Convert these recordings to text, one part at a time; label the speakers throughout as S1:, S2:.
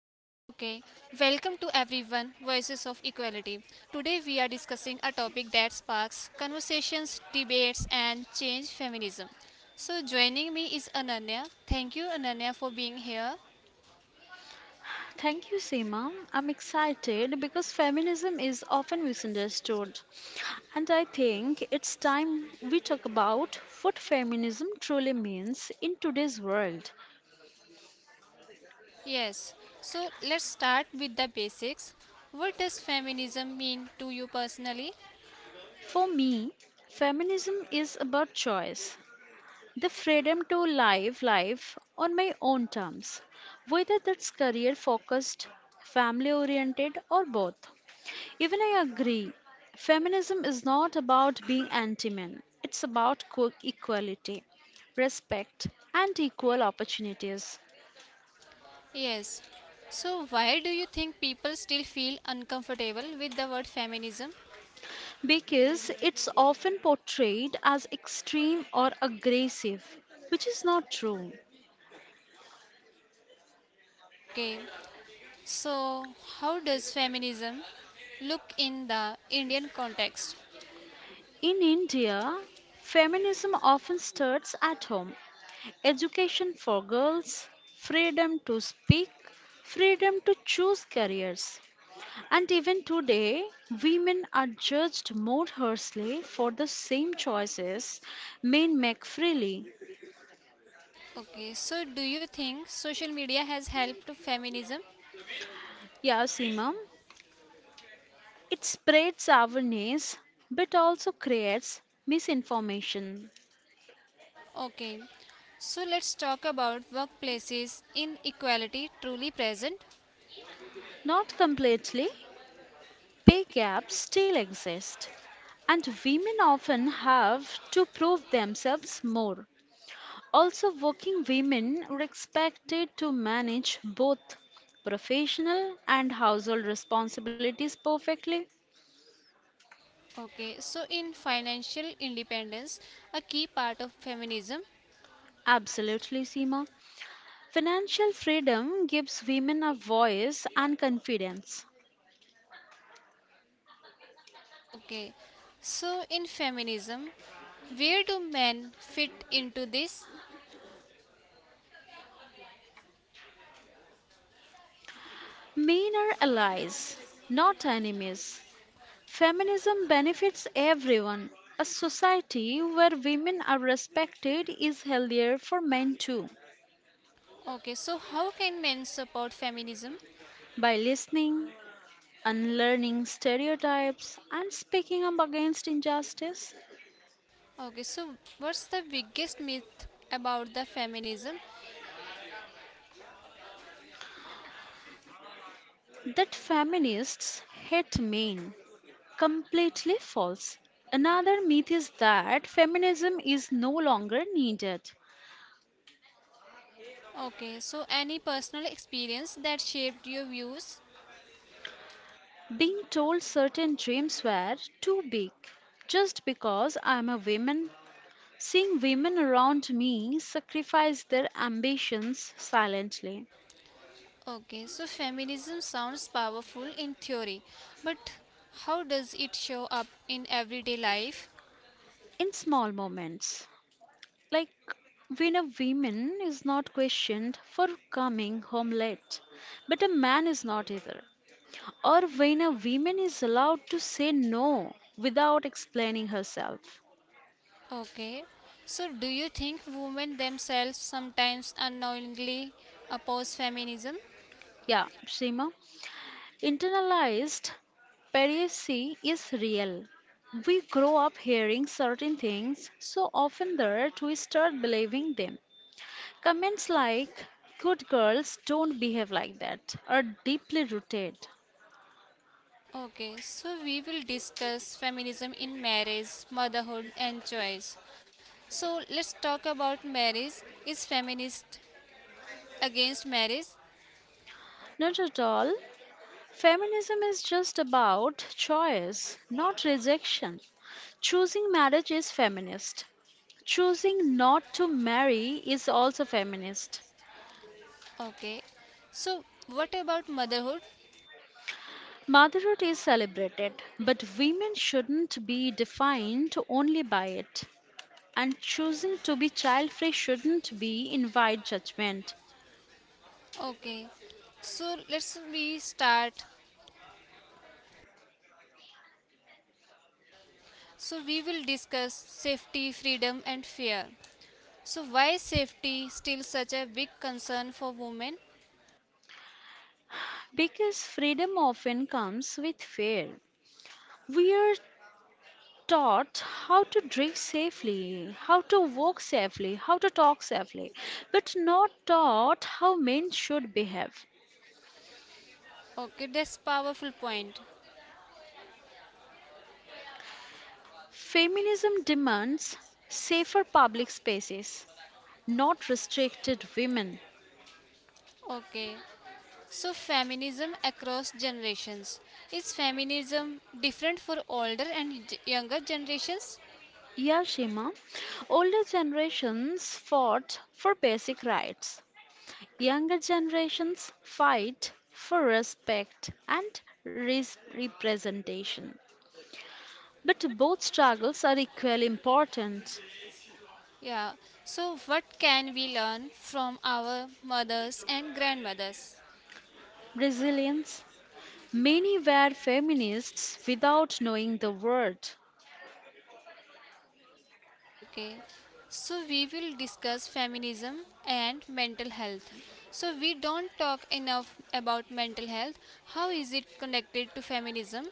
S1: welcome to everyone, Voices of Equality. Today we are discussing a topic that sparks conversations, debates, and change feminism. So, joining me is Ananya. Thank you, Ananya, for being here.
S2: Thank you, Seema. I'm excited because feminism is often misunderstood. And I think it's time we talk about what feminism truly means in today's world.
S1: Yes, so let's start with the basics. What does feminism mean to you personally?
S2: For me, feminism is about choice the freedom to live life on my own terms, whether that's career focused, family oriented, or both. Even I agree. Feminism is not about being anti men, it's about equality, respect, and equal opportunities.
S1: Yes, so why do you think people still feel uncomfortable with the word feminism?
S2: Because it's often portrayed as extreme or aggressive, which is not true.
S1: Okay, so, how does feminism look in the Indian context?
S2: In India, feminism often starts at home. Education for girls, freedom to speak, freedom to choose careers. And even today, women are judged more harshly for the same choices men make freely.
S1: Okay, so do you think social media has helped feminism?
S2: Yeah, Seema, it spreads awareness but also creates misinformation.
S1: Okay, so let's talk about workplaces inequality truly present.
S2: Not completely, pay gaps still exist, and women often have to prove themselves more. Also, working women are expected to manage both professional and household responsibilities perfectly.
S1: Okay, so in financial independence, a key part of feminism.
S2: Absolutely, Seema. Financial freedom gives women a voice and confidence.
S1: Okay, so in feminism, where do men fit into this?
S2: Men are allies, not enemies. Feminism benefits everyone. A society where women are respected is healthier for men too.
S1: Okay, so how can men support feminism?
S2: By listening, unlearning stereotypes, and speaking up against injustice,
S1: Okay, so what's the biggest myth about the feminism?
S2: that feminists hate men. Completely false. Another myth is that feminism is no longer needed.
S1: Okay, so any personal experience that shaped your views?
S2: Being told certain dreams were too big just because I am a woman, seeing women around me sacrifice their ambitions silently
S1: Okay, so feminism sounds powerful in theory, but how does it show up in everyday life?
S2: in small moments. Like when a woman is not questioned for coming home late, but a man is not either, or when a woman is allowed to say no without explaining herself.
S1: Okay, so do you think women themselves sometimes unknowingly oppose feminism?
S2: Yeah, Seema, internalized periacy is real. We grow up hearing certain things so often that we start believing them. Comments like, good girls don't behave like that, are deeply rooted.
S1: Okay, so we will discuss feminism in marriage, motherhood, and choice. So let's talk about marriage. Is feminist against marriage?
S2: Not at all. Feminism is just about choice, not rejection. Choosing marriage is feminist. Choosing not to marry is also feminist.
S1: Okay. So what about motherhood?
S2: Motherhood is celebrated, but women shouldn't be defined only by it. And choosing to be child free shouldn't be invite judgment
S1: Okay. So let's we start. So we will discuss safety, freedom and fear. So why is safety still such a big concern for women?
S2: because freedom often comes with fear. We are taught how to drink safely, how to walk safely, how to talk safely, but not taught how men should behave.
S1: Okay, that's powerful point.
S2: Feminism demands safer public spaces, not restricted women.
S1: Okay. So, feminism across generations. Is feminism different for older and younger generations?
S2: Yeah, Shima. Older generations fought for basic rights. Younger generations fight for respect and representation. But both struggles are equally important.
S1: Yeah. So, what can we learn from our mothers and grandmothers?
S2: Resilience. Many were feminists without knowing the word.
S1: Okay. So, we will discuss feminism and mental health. So, we don't talk enough about mental health. How is it connected to feminism?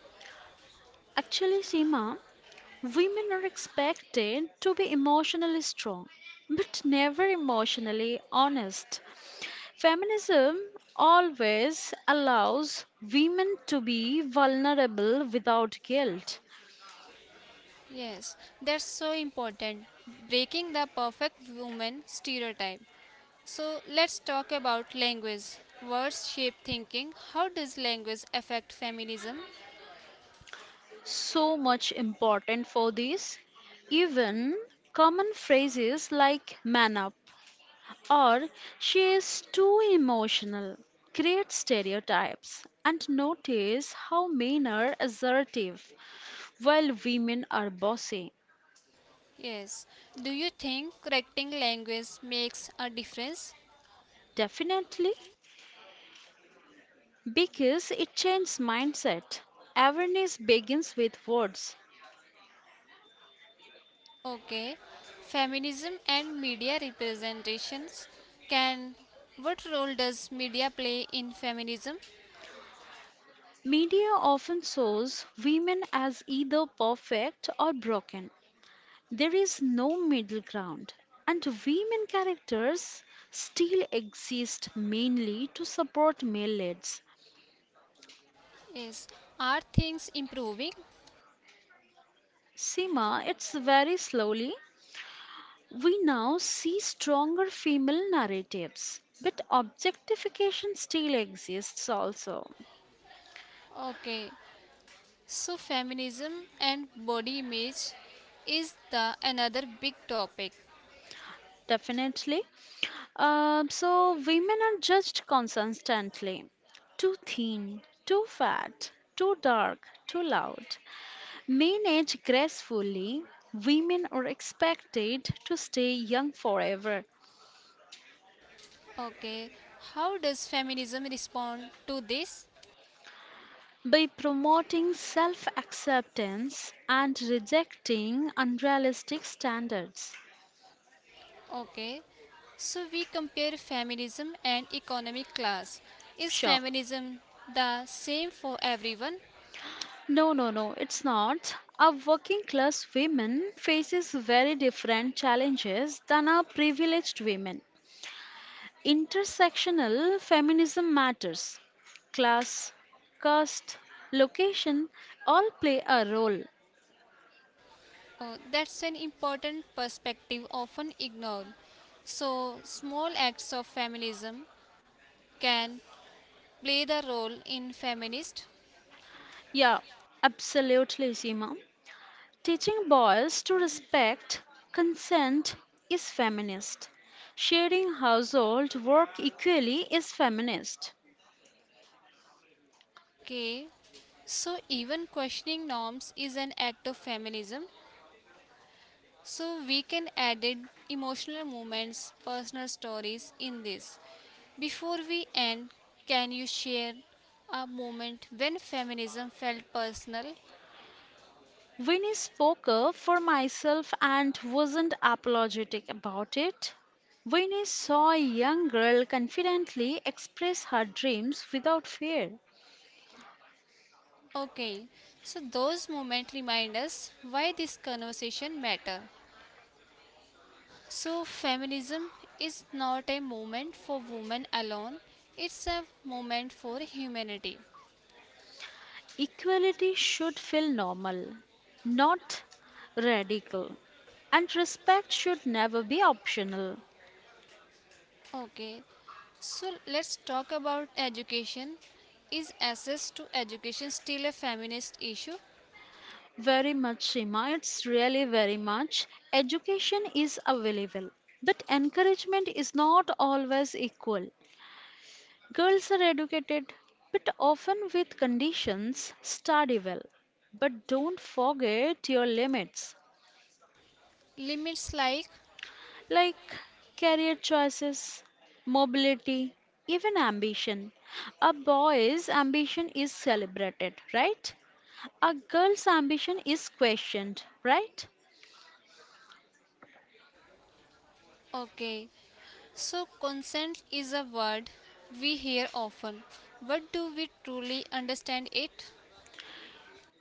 S2: Actually, Seema, women are expected to be emotionally strong, but never emotionally honest. Feminism always allows women to be vulnerable without guilt.
S1: Yes, that's so important. Breaking the perfect woman stereotype. So let's talk about language. Words shape thinking. How does language affect feminism?
S2: So much important for this. Even common phrases like man up or she is too emotional, create stereotypes, and notice how men are assertive while women are bossy.
S1: Yes. Do you think correcting language makes a difference?
S2: Definitely, because it changes mindset. Awareness begins with words.
S1: Okay. Feminism and media representations can. What role does media play in feminism?
S2: Media often shows women as either perfect or broken. There is no middle ground, and women characters still exist mainly to support male leads.
S1: Yes. Are things improving?
S2: Seema, it's very slowly. We now see stronger female narratives, but objectification still exists also.
S1: Okay. So feminism and body image is the another big topic.
S2: Definitely. Women are judged constantly too thin, too fat, too dark, too loud. Men age gracefully, women are expected to stay young forever.
S1: Okay, how does feminism respond to this?
S2: By promoting self acceptance and rejecting unrealistic standards.
S1: Okay, so we compare feminism and economic class. Is
S2: Sure.
S1: feminism the same for everyone?
S2: No, no, no, it's not. A working class woman faces very different challenges than a privileged women. Intersectional feminism matters. Class, caste, location all play a role.
S1: Oh, that's an important perspective often ignored. So, small acts of feminism can play the role in feminist.
S2: Yeah, absolutely, Seema. Teaching boys to respect consent is feminist. Sharing household work equally is feminist.
S1: Okay, so even questioning norms is an act of feminism. So we can added emotional moments, personal stories in this. Before we end, can you share a moment when feminism felt personal?
S2: Winnie spoke up for myself and wasn't apologetic about it. Winnie saw a young girl confidently express her dreams without fear.
S1: Okay. So those moments remind us why this conversation matter. So feminism is not a movement for women alone. It's a movement for humanity.
S2: Equality should feel normal, not radical, and respect should never be optional.
S1: Okay, so let's talk about education. Is access to education still a feminist issue?
S2: Very much, Seema. It's really very much. Education is available, but encouragement is not always equal. Girls are educated, but often with conditions study well. But don't forget your limits,
S1: Limits like,
S2: like career choices, mobility, even ambition. A boy's ambition is celebrated, right? A girl's ambition is questioned, right?
S1: okay, so consent is a word we hear often, but do we truly understand it?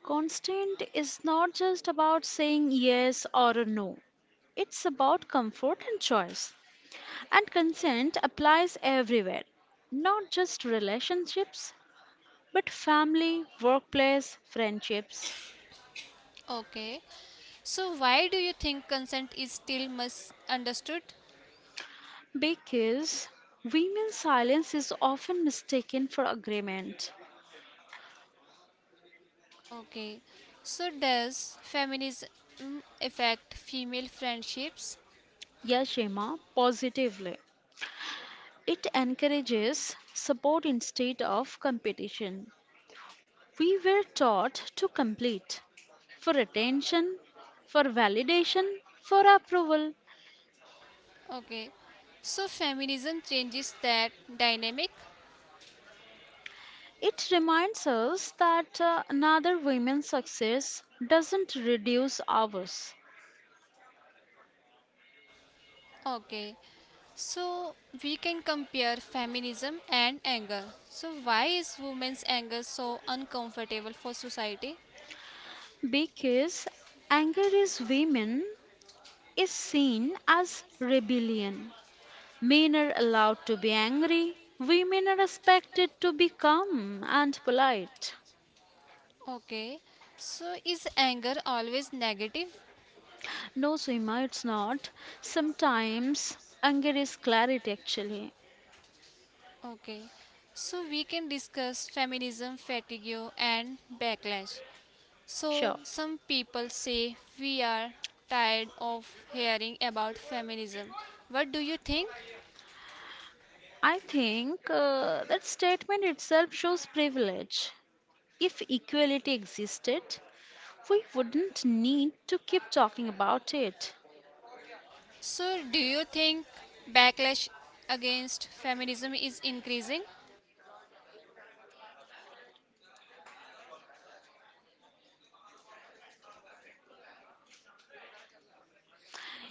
S2: Constant is not just about saying yes or a no, it's about comfort and choice. And consent applies everywhere, not just relationships, but family, workplace, friendships.
S1: Okay, so why do you think consent is still misunderstood?
S2: Because women's silence is often mistaken for agreement.
S1: Okay, so does feminism affect female friendships?
S2: Yes, Shema, positively. It encourages support instead of competition. We were taught to complete, for attention, for validation, for approval.
S1: Okay, so feminism changes that dynamic.
S2: It reminds us that another woman's success doesn't reduce ours
S1: Okay, so we can compare feminism and anger. So, why is women's anger so uncomfortable for society?
S2: because anger is women is seen as rebellion. Men are allowed to be angry. Women are expected to be calm and polite.
S1: Okay, so is anger always negative?
S2: No, Seema, it's not. Sometimes anger is clarity actually.
S1: Okay, so we can discuss feminism fatigue and backlash. So,
S2: Sure.
S1: some people say we are tired of hearing about feminism. What do you think?
S2: I think that statement itself shows privilege. If equality existed, we wouldn't need to keep talking about it.
S1: So, do you think backlash against feminism is increasing?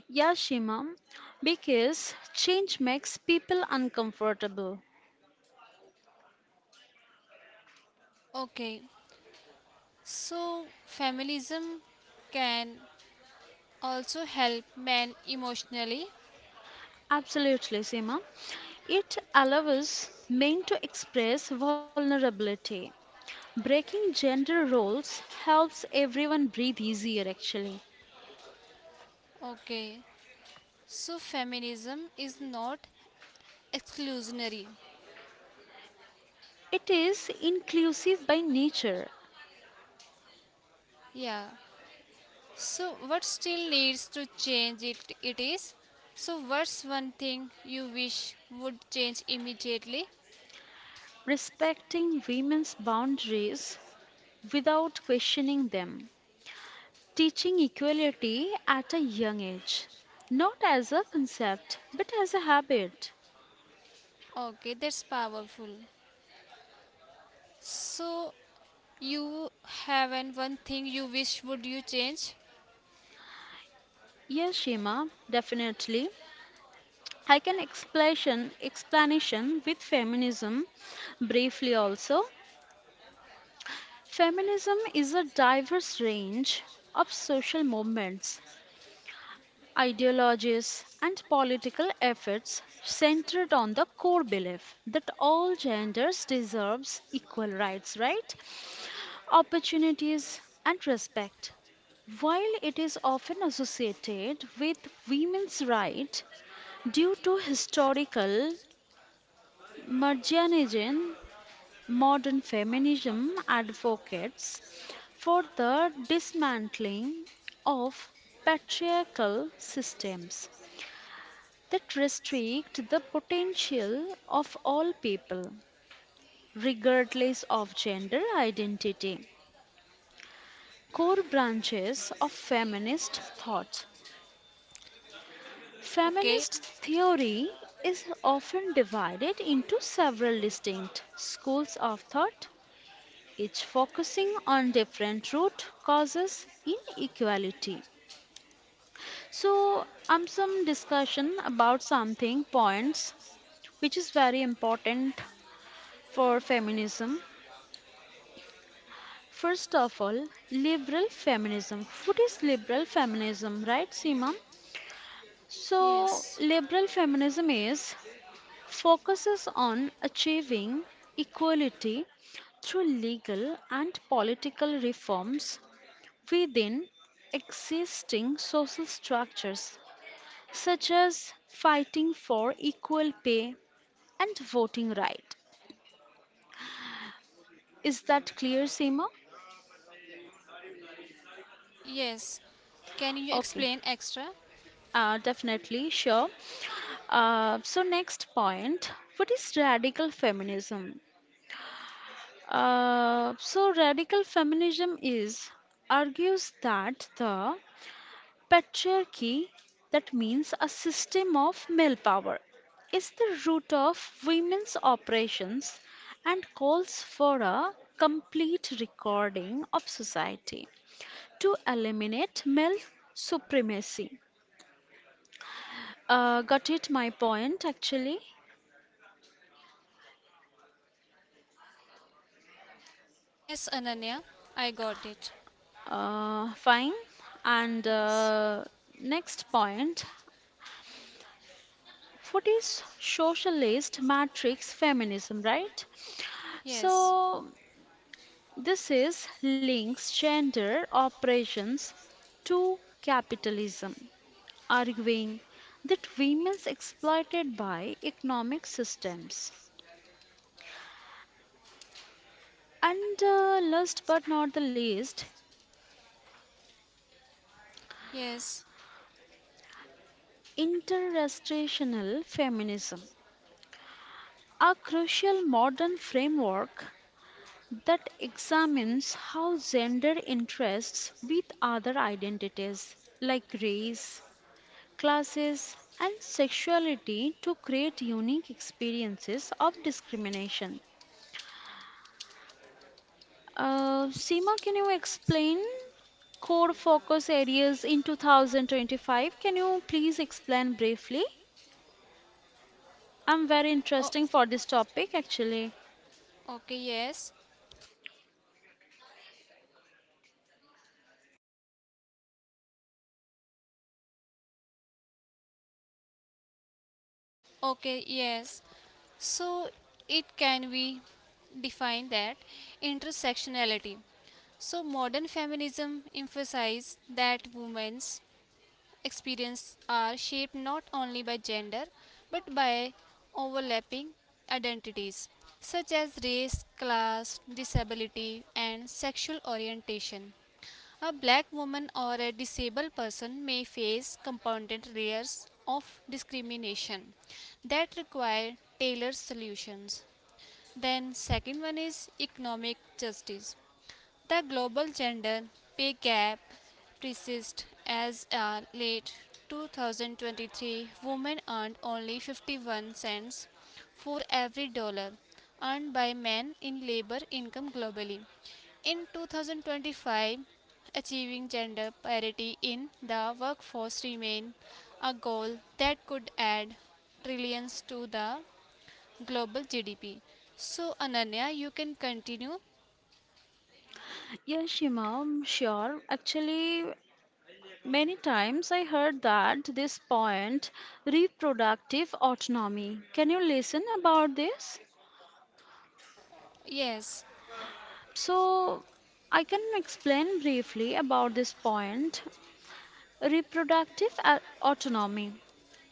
S2: Yeah, Shima, because change makes people uncomfortable.
S1: Okay, so feminism can also help men emotionally.
S2: Absolutely, Seema. It allows men to express vulnerability. Breaking gender roles helps everyone breathe easier, actually.
S1: Okay, so feminism is not exclusionary.
S2: It is inclusive by nature.
S1: Yeah, so what still needs to change it is? So, what's one thing you wish would change immediately?
S2: Respecting women's boundaries without questioning them, teaching equality at a young age, not as a concept but as a habit.
S1: Okay, that's powerful. So, you have and one thing you wish would you change?
S2: Yes, Shima, definitely. I can explanation explanation with feminism briefly also. Feminism is a diverse range of social movements ideologies, and political efforts centered on the core belief that all genders deserves equal rights, right? Opportunities and respect. While it is often associated with women's rights due to historical marginalization, modern feminism advocates for the dismantling of patriarchal systems that restrict the potential of all people, regardless of gender identity. Core branches of feminist thought.
S1: Okay,
S2: Feminist theory is often divided into several distinct schools of thought, each focusing on different root causes inequality. So, some discussion about something points which is very important for feminism. First of all, liberal feminism. What is liberal feminism, right, Seema? So,
S1: yes.
S2: liberal feminism is focuses on achieving equality through legal and political reforms within existing social structures, such as fighting for equal pay and voting right. Is that clear, Seema?
S1: Yes. Can you
S2: Okay,
S1: explain extra?
S2: definitely, sure. So next point, what is radical feminism? So radical feminism is argues that the patriarchy, that means a system of male power, is the root of women's operations and calls for a complete recording of society to eliminate male supremacy. Got it my point actually?
S1: Yes, Ananya, I got it.
S2: Fine. And
S1: Yes.
S2: uh, next point, what is socialist matrix feminism, right?
S1: Yes.
S2: So this is links gender operations to capitalism, arguing that women's exploited by economic systems. And last but not the least,
S1: Yes.
S2: intergenerational feminism, a crucial modern framework that examines how gender interests with other identities like race, classes, and sexuality to create unique experiences of discrimination. Seema, can you explain core focus areas in 2025? Can you please explain briefly? I'm very
S1: Oh.
S2: interesting for this topic actually.
S1: Okay, yes. Okay, yes. So it can be defined that intersectionality. So modern feminism emphasizes that women's experience are shaped not only by gender but by overlapping identities such as race, class, disability, and sexual orientation. A black woman or a disabled person may face compounded layers of discrimination that require tailored solutions. Then, second one is economic justice. The global gender pay gap persists as a late 2023 women earned only 51 cents for every dollar earned by men in labor income globally. In 2025, achieving gender parity in the workforce remains a goal that could add trillions to the global GDP. So, Ananya, you can continue.
S2: Yes, Shima, I'm sure. Actually, many times I heard that this point reproductive autonomy. Can you listen about this?
S1: Yes.
S2: So I can explain briefly about this point. Reproductive autonomy,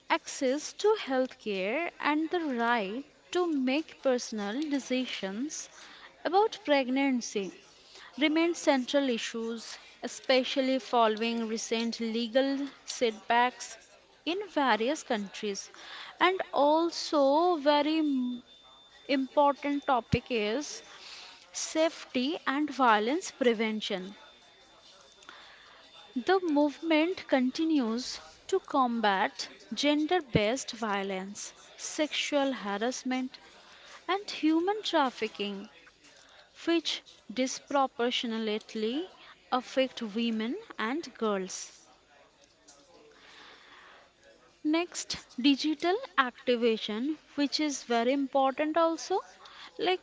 S2: access to healthcare and the right to make personal decisions about pregnancy remain central issues, especially following recent legal setbacks in various countries. And also, very important topic is safety and violence prevention. The movement continues to combat gender based violence, sexual harassment, and human trafficking which disproportionately affect women and girls. Next, digital activation, which is very important also. Like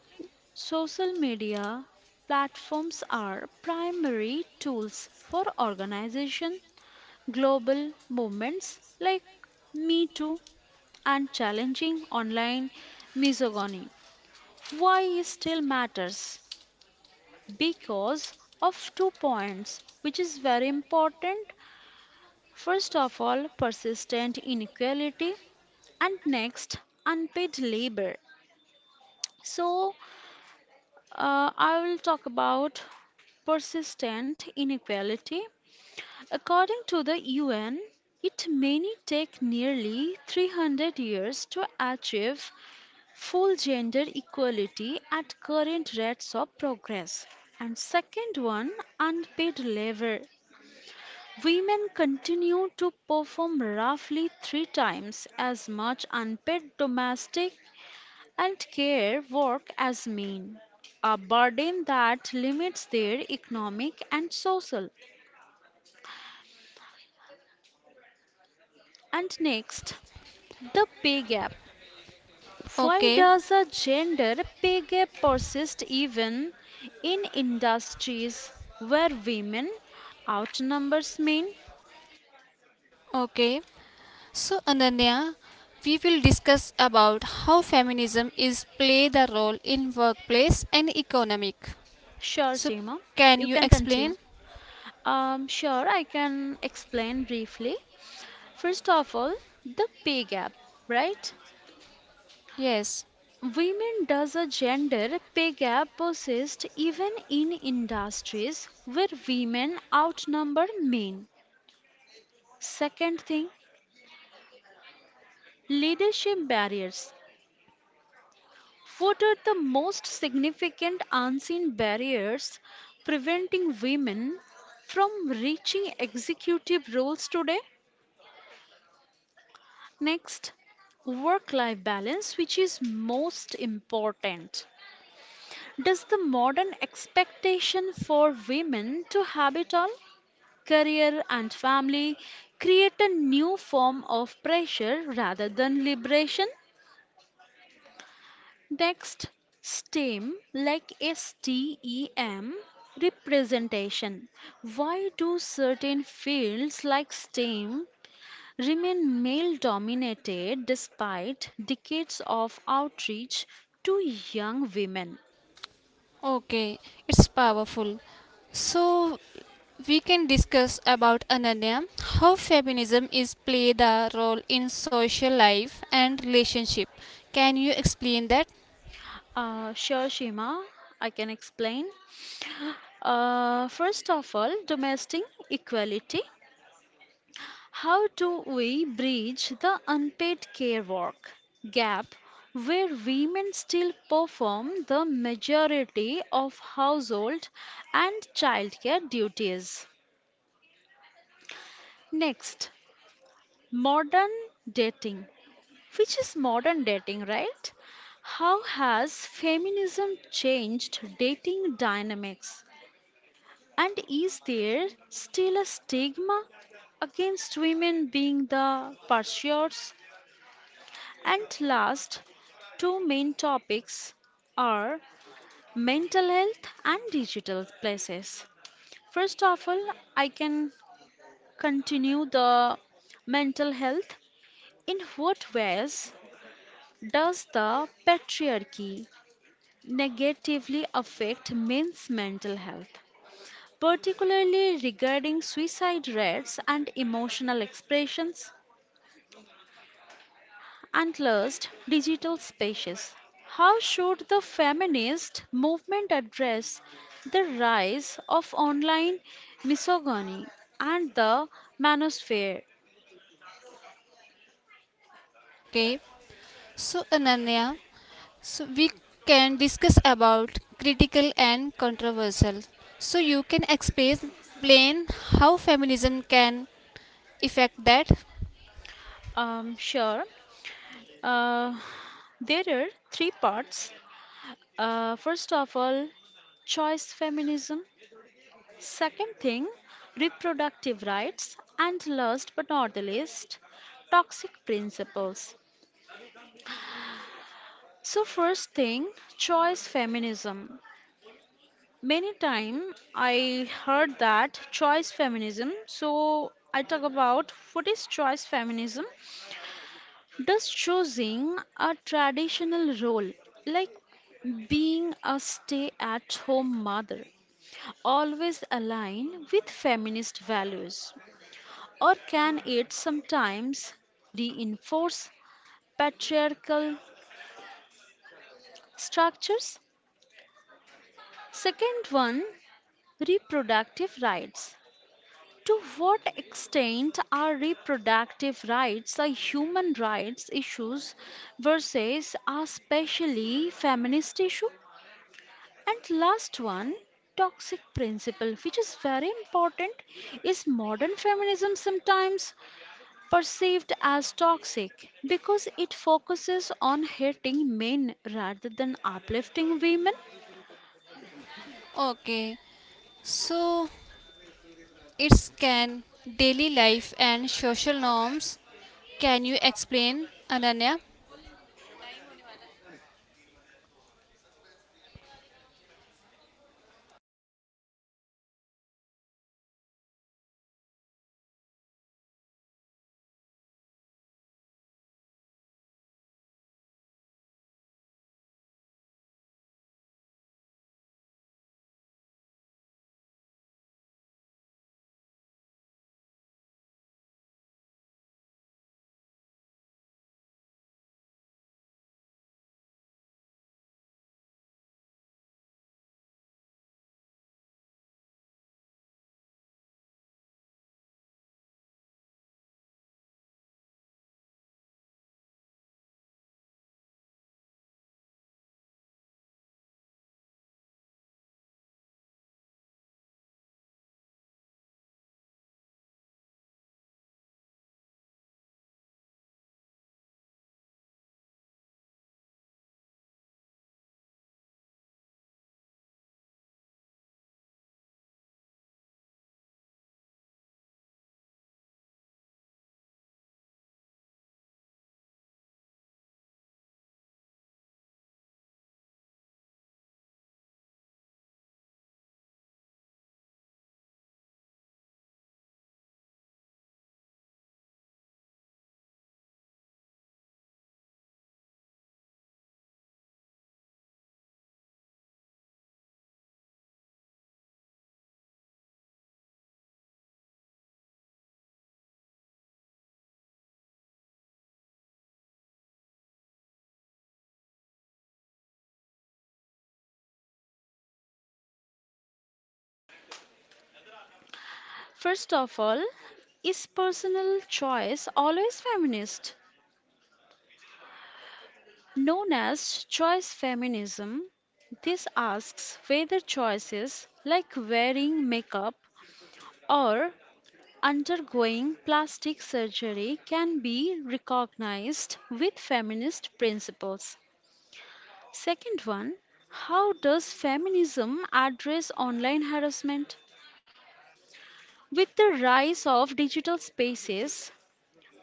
S2: social media platforms are primary tools for organization, global movements like Me Too and challenging online misogyny. Why it still matters? Because of two points which is very important, first of all persistent inequality and next unpaid labor. So I will talk about persistent inequality. According to the UN, it may take nearly 300 years to achieve full gender equality at current rates of progress. And second one, unpaid labor. Women continue to perform roughly three times as much unpaid domestic and care work as men, a burden that limits their economic and social. And next, the pay gap. Why
S1: Okay.
S2: does a gender pay gap persist even in industries where women outnumbers men?
S1: Okay, so Ananya, we will discuss about how feminism is play the role in workplace and economic.
S2: Sure,
S1: So
S2: Seema,
S1: can
S2: you
S1: you
S2: can continue.
S1: explain?
S2: Sure, I can explain briefly. First of all, the pay gap, right?
S1: Yes.
S2: Women does a gender pay gap persist even in industries where women outnumber men. Second thing, leadership barriers. What are the most significant unseen barriers preventing women from reaching executive roles today? Next, work life balance, which is most important. Does the modern expectation for women to have it all, career and family, create a new form of pressure rather than liberation? Next, STEM, like STEM, representation. Why do certain fields like STEM remain male dominated despite decades of outreach to young women.
S1: Okay, it's powerful. So we can discuss about Ananya how feminism is play the role in social life and relationship. Can you explain that?
S2: Sure, Shima, I can explain. First of all, domestic equality. How do we bridge the unpaid care work gap where women still perform the majority of household and childcare duties? Next, modern dating. Which is modern dating, right? How has feminism changed dating dynamics? And is there still a stigma against women being the pursuers? And last, two main topics are mental health and digital places. First of all, I can continue the mental health. In what ways does the patriarchy negatively affect men's mental health, particularly regarding suicide rates and emotional expressions. And last, digital spaces. How should the feminist movement address the rise of online misogyny and the manosphere?
S1: Okay. So Ananya, so we can discuss about critical and controversial. So you can explain plain how feminism can affect that.
S2: Sure. Uh, there are three parts. First of all, choice feminism. Second thing, reproductive rights, and last but not the least, toxic principles. So first thing, choice feminism. Many time I heard that choice feminism. So I talk about what is choice feminism? Does choosing a traditional role like being a stay at home mother always align with feminist values? Or can it sometimes reinforce patriarchal structures? Second one, reproductive rights. To what extent are reproductive rights a human rights issues versus a specially feminist issue? And last one, toxic principle, which is very important, is modern feminism sometimes perceived as toxic because it focuses on hating men rather than uplifting women.
S1: Okay. So it's can daily life and social norms. Can you explain Ananya?
S2: First of all, is personal choice always feminist? Known as choice feminism, this asks whether choices like wearing makeup or undergoing plastic surgery can be recognized with feminist principles. Second one, how does feminism address online harassment? With the rise of digital spaces,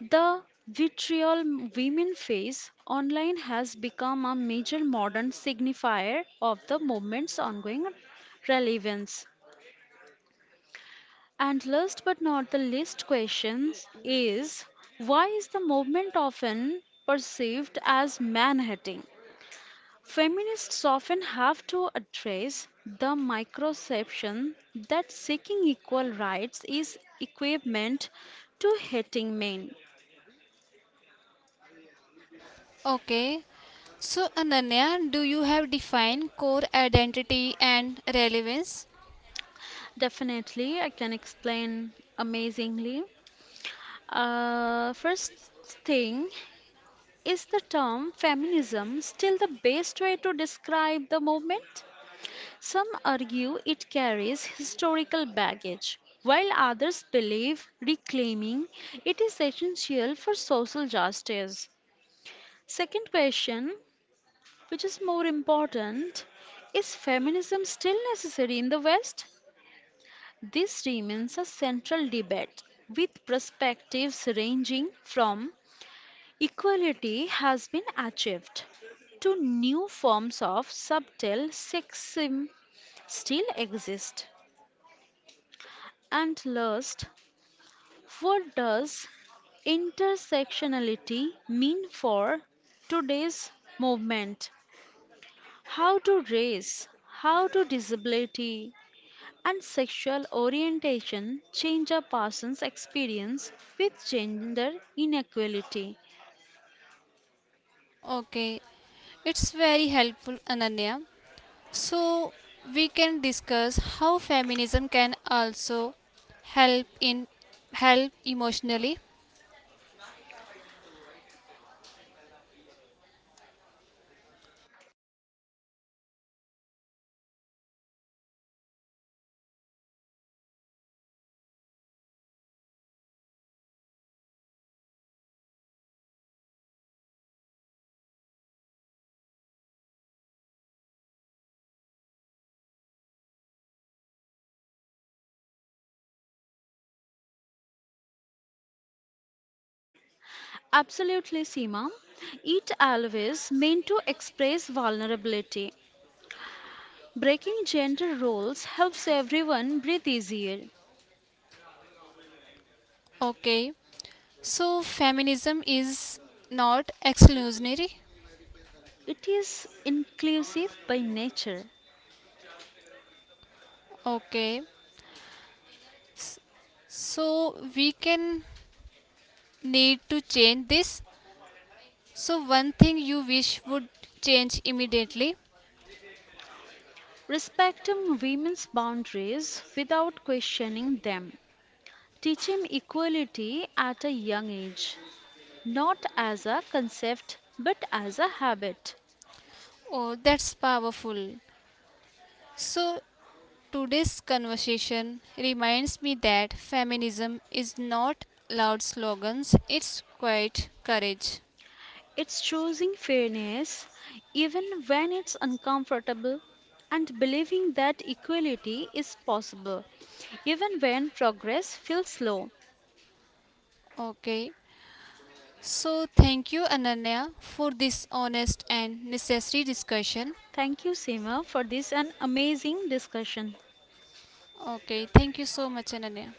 S2: the vitriol women face online has become a major modern signifier of the movement's ongoing relevance. And last but not the least question is, why is the movement often perceived as man-hating? Feminists often have to address the microception that seeking equal rights is equivalent to hating men.
S1: Okay. So Ananya, do you have defined core identity and relevance?
S2: Definitely, I can explain amazingly. First thing, is the term feminism still the best way to describe the movement? Some argue it carries historical baggage, while others believe reclaiming it is essential for social justice. Second question, which is more important, is feminism still necessary in the West? This remains a central debate, with perspectives ranging from equality has been achieved to new forms of subtle sexism still exist. And last, what does intersectionality mean for today's movement? How do race, how do disability, and sexual orientation change a person's experience with gender inequality.
S1: Okay. It's very helpful Ananya. So, we can discuss how feminism can also help in help emotionally.
S2: Absolutely, Seema. It always meant to express vulnerability. Breaking gender roles helps everyone breathe easier.
S1: Okay. So, feminism is not exclusionary.
S2: It is inclusive by nature,
S1: Okay. So, we can need to change this. So, one thing you wish would change immediately.
S2: respecting women's boundaries without questioning them. Teaching equality at a young age, not as a concept but as a habit.
S1: Oh, that's powerful. So, today's conversation reminds me that feminism is not loud slogans, it's quiet courage.
S2: It's choosing fairness even when it's uncomfortable and believing that equality is possible even when progress feels slow.
S1: Okay. So thank you Ananya for this honest and necessary discussion.
S2: Thank you, Seema, for this an amazing discussion.
S1: Okay, thank you so much Ananya.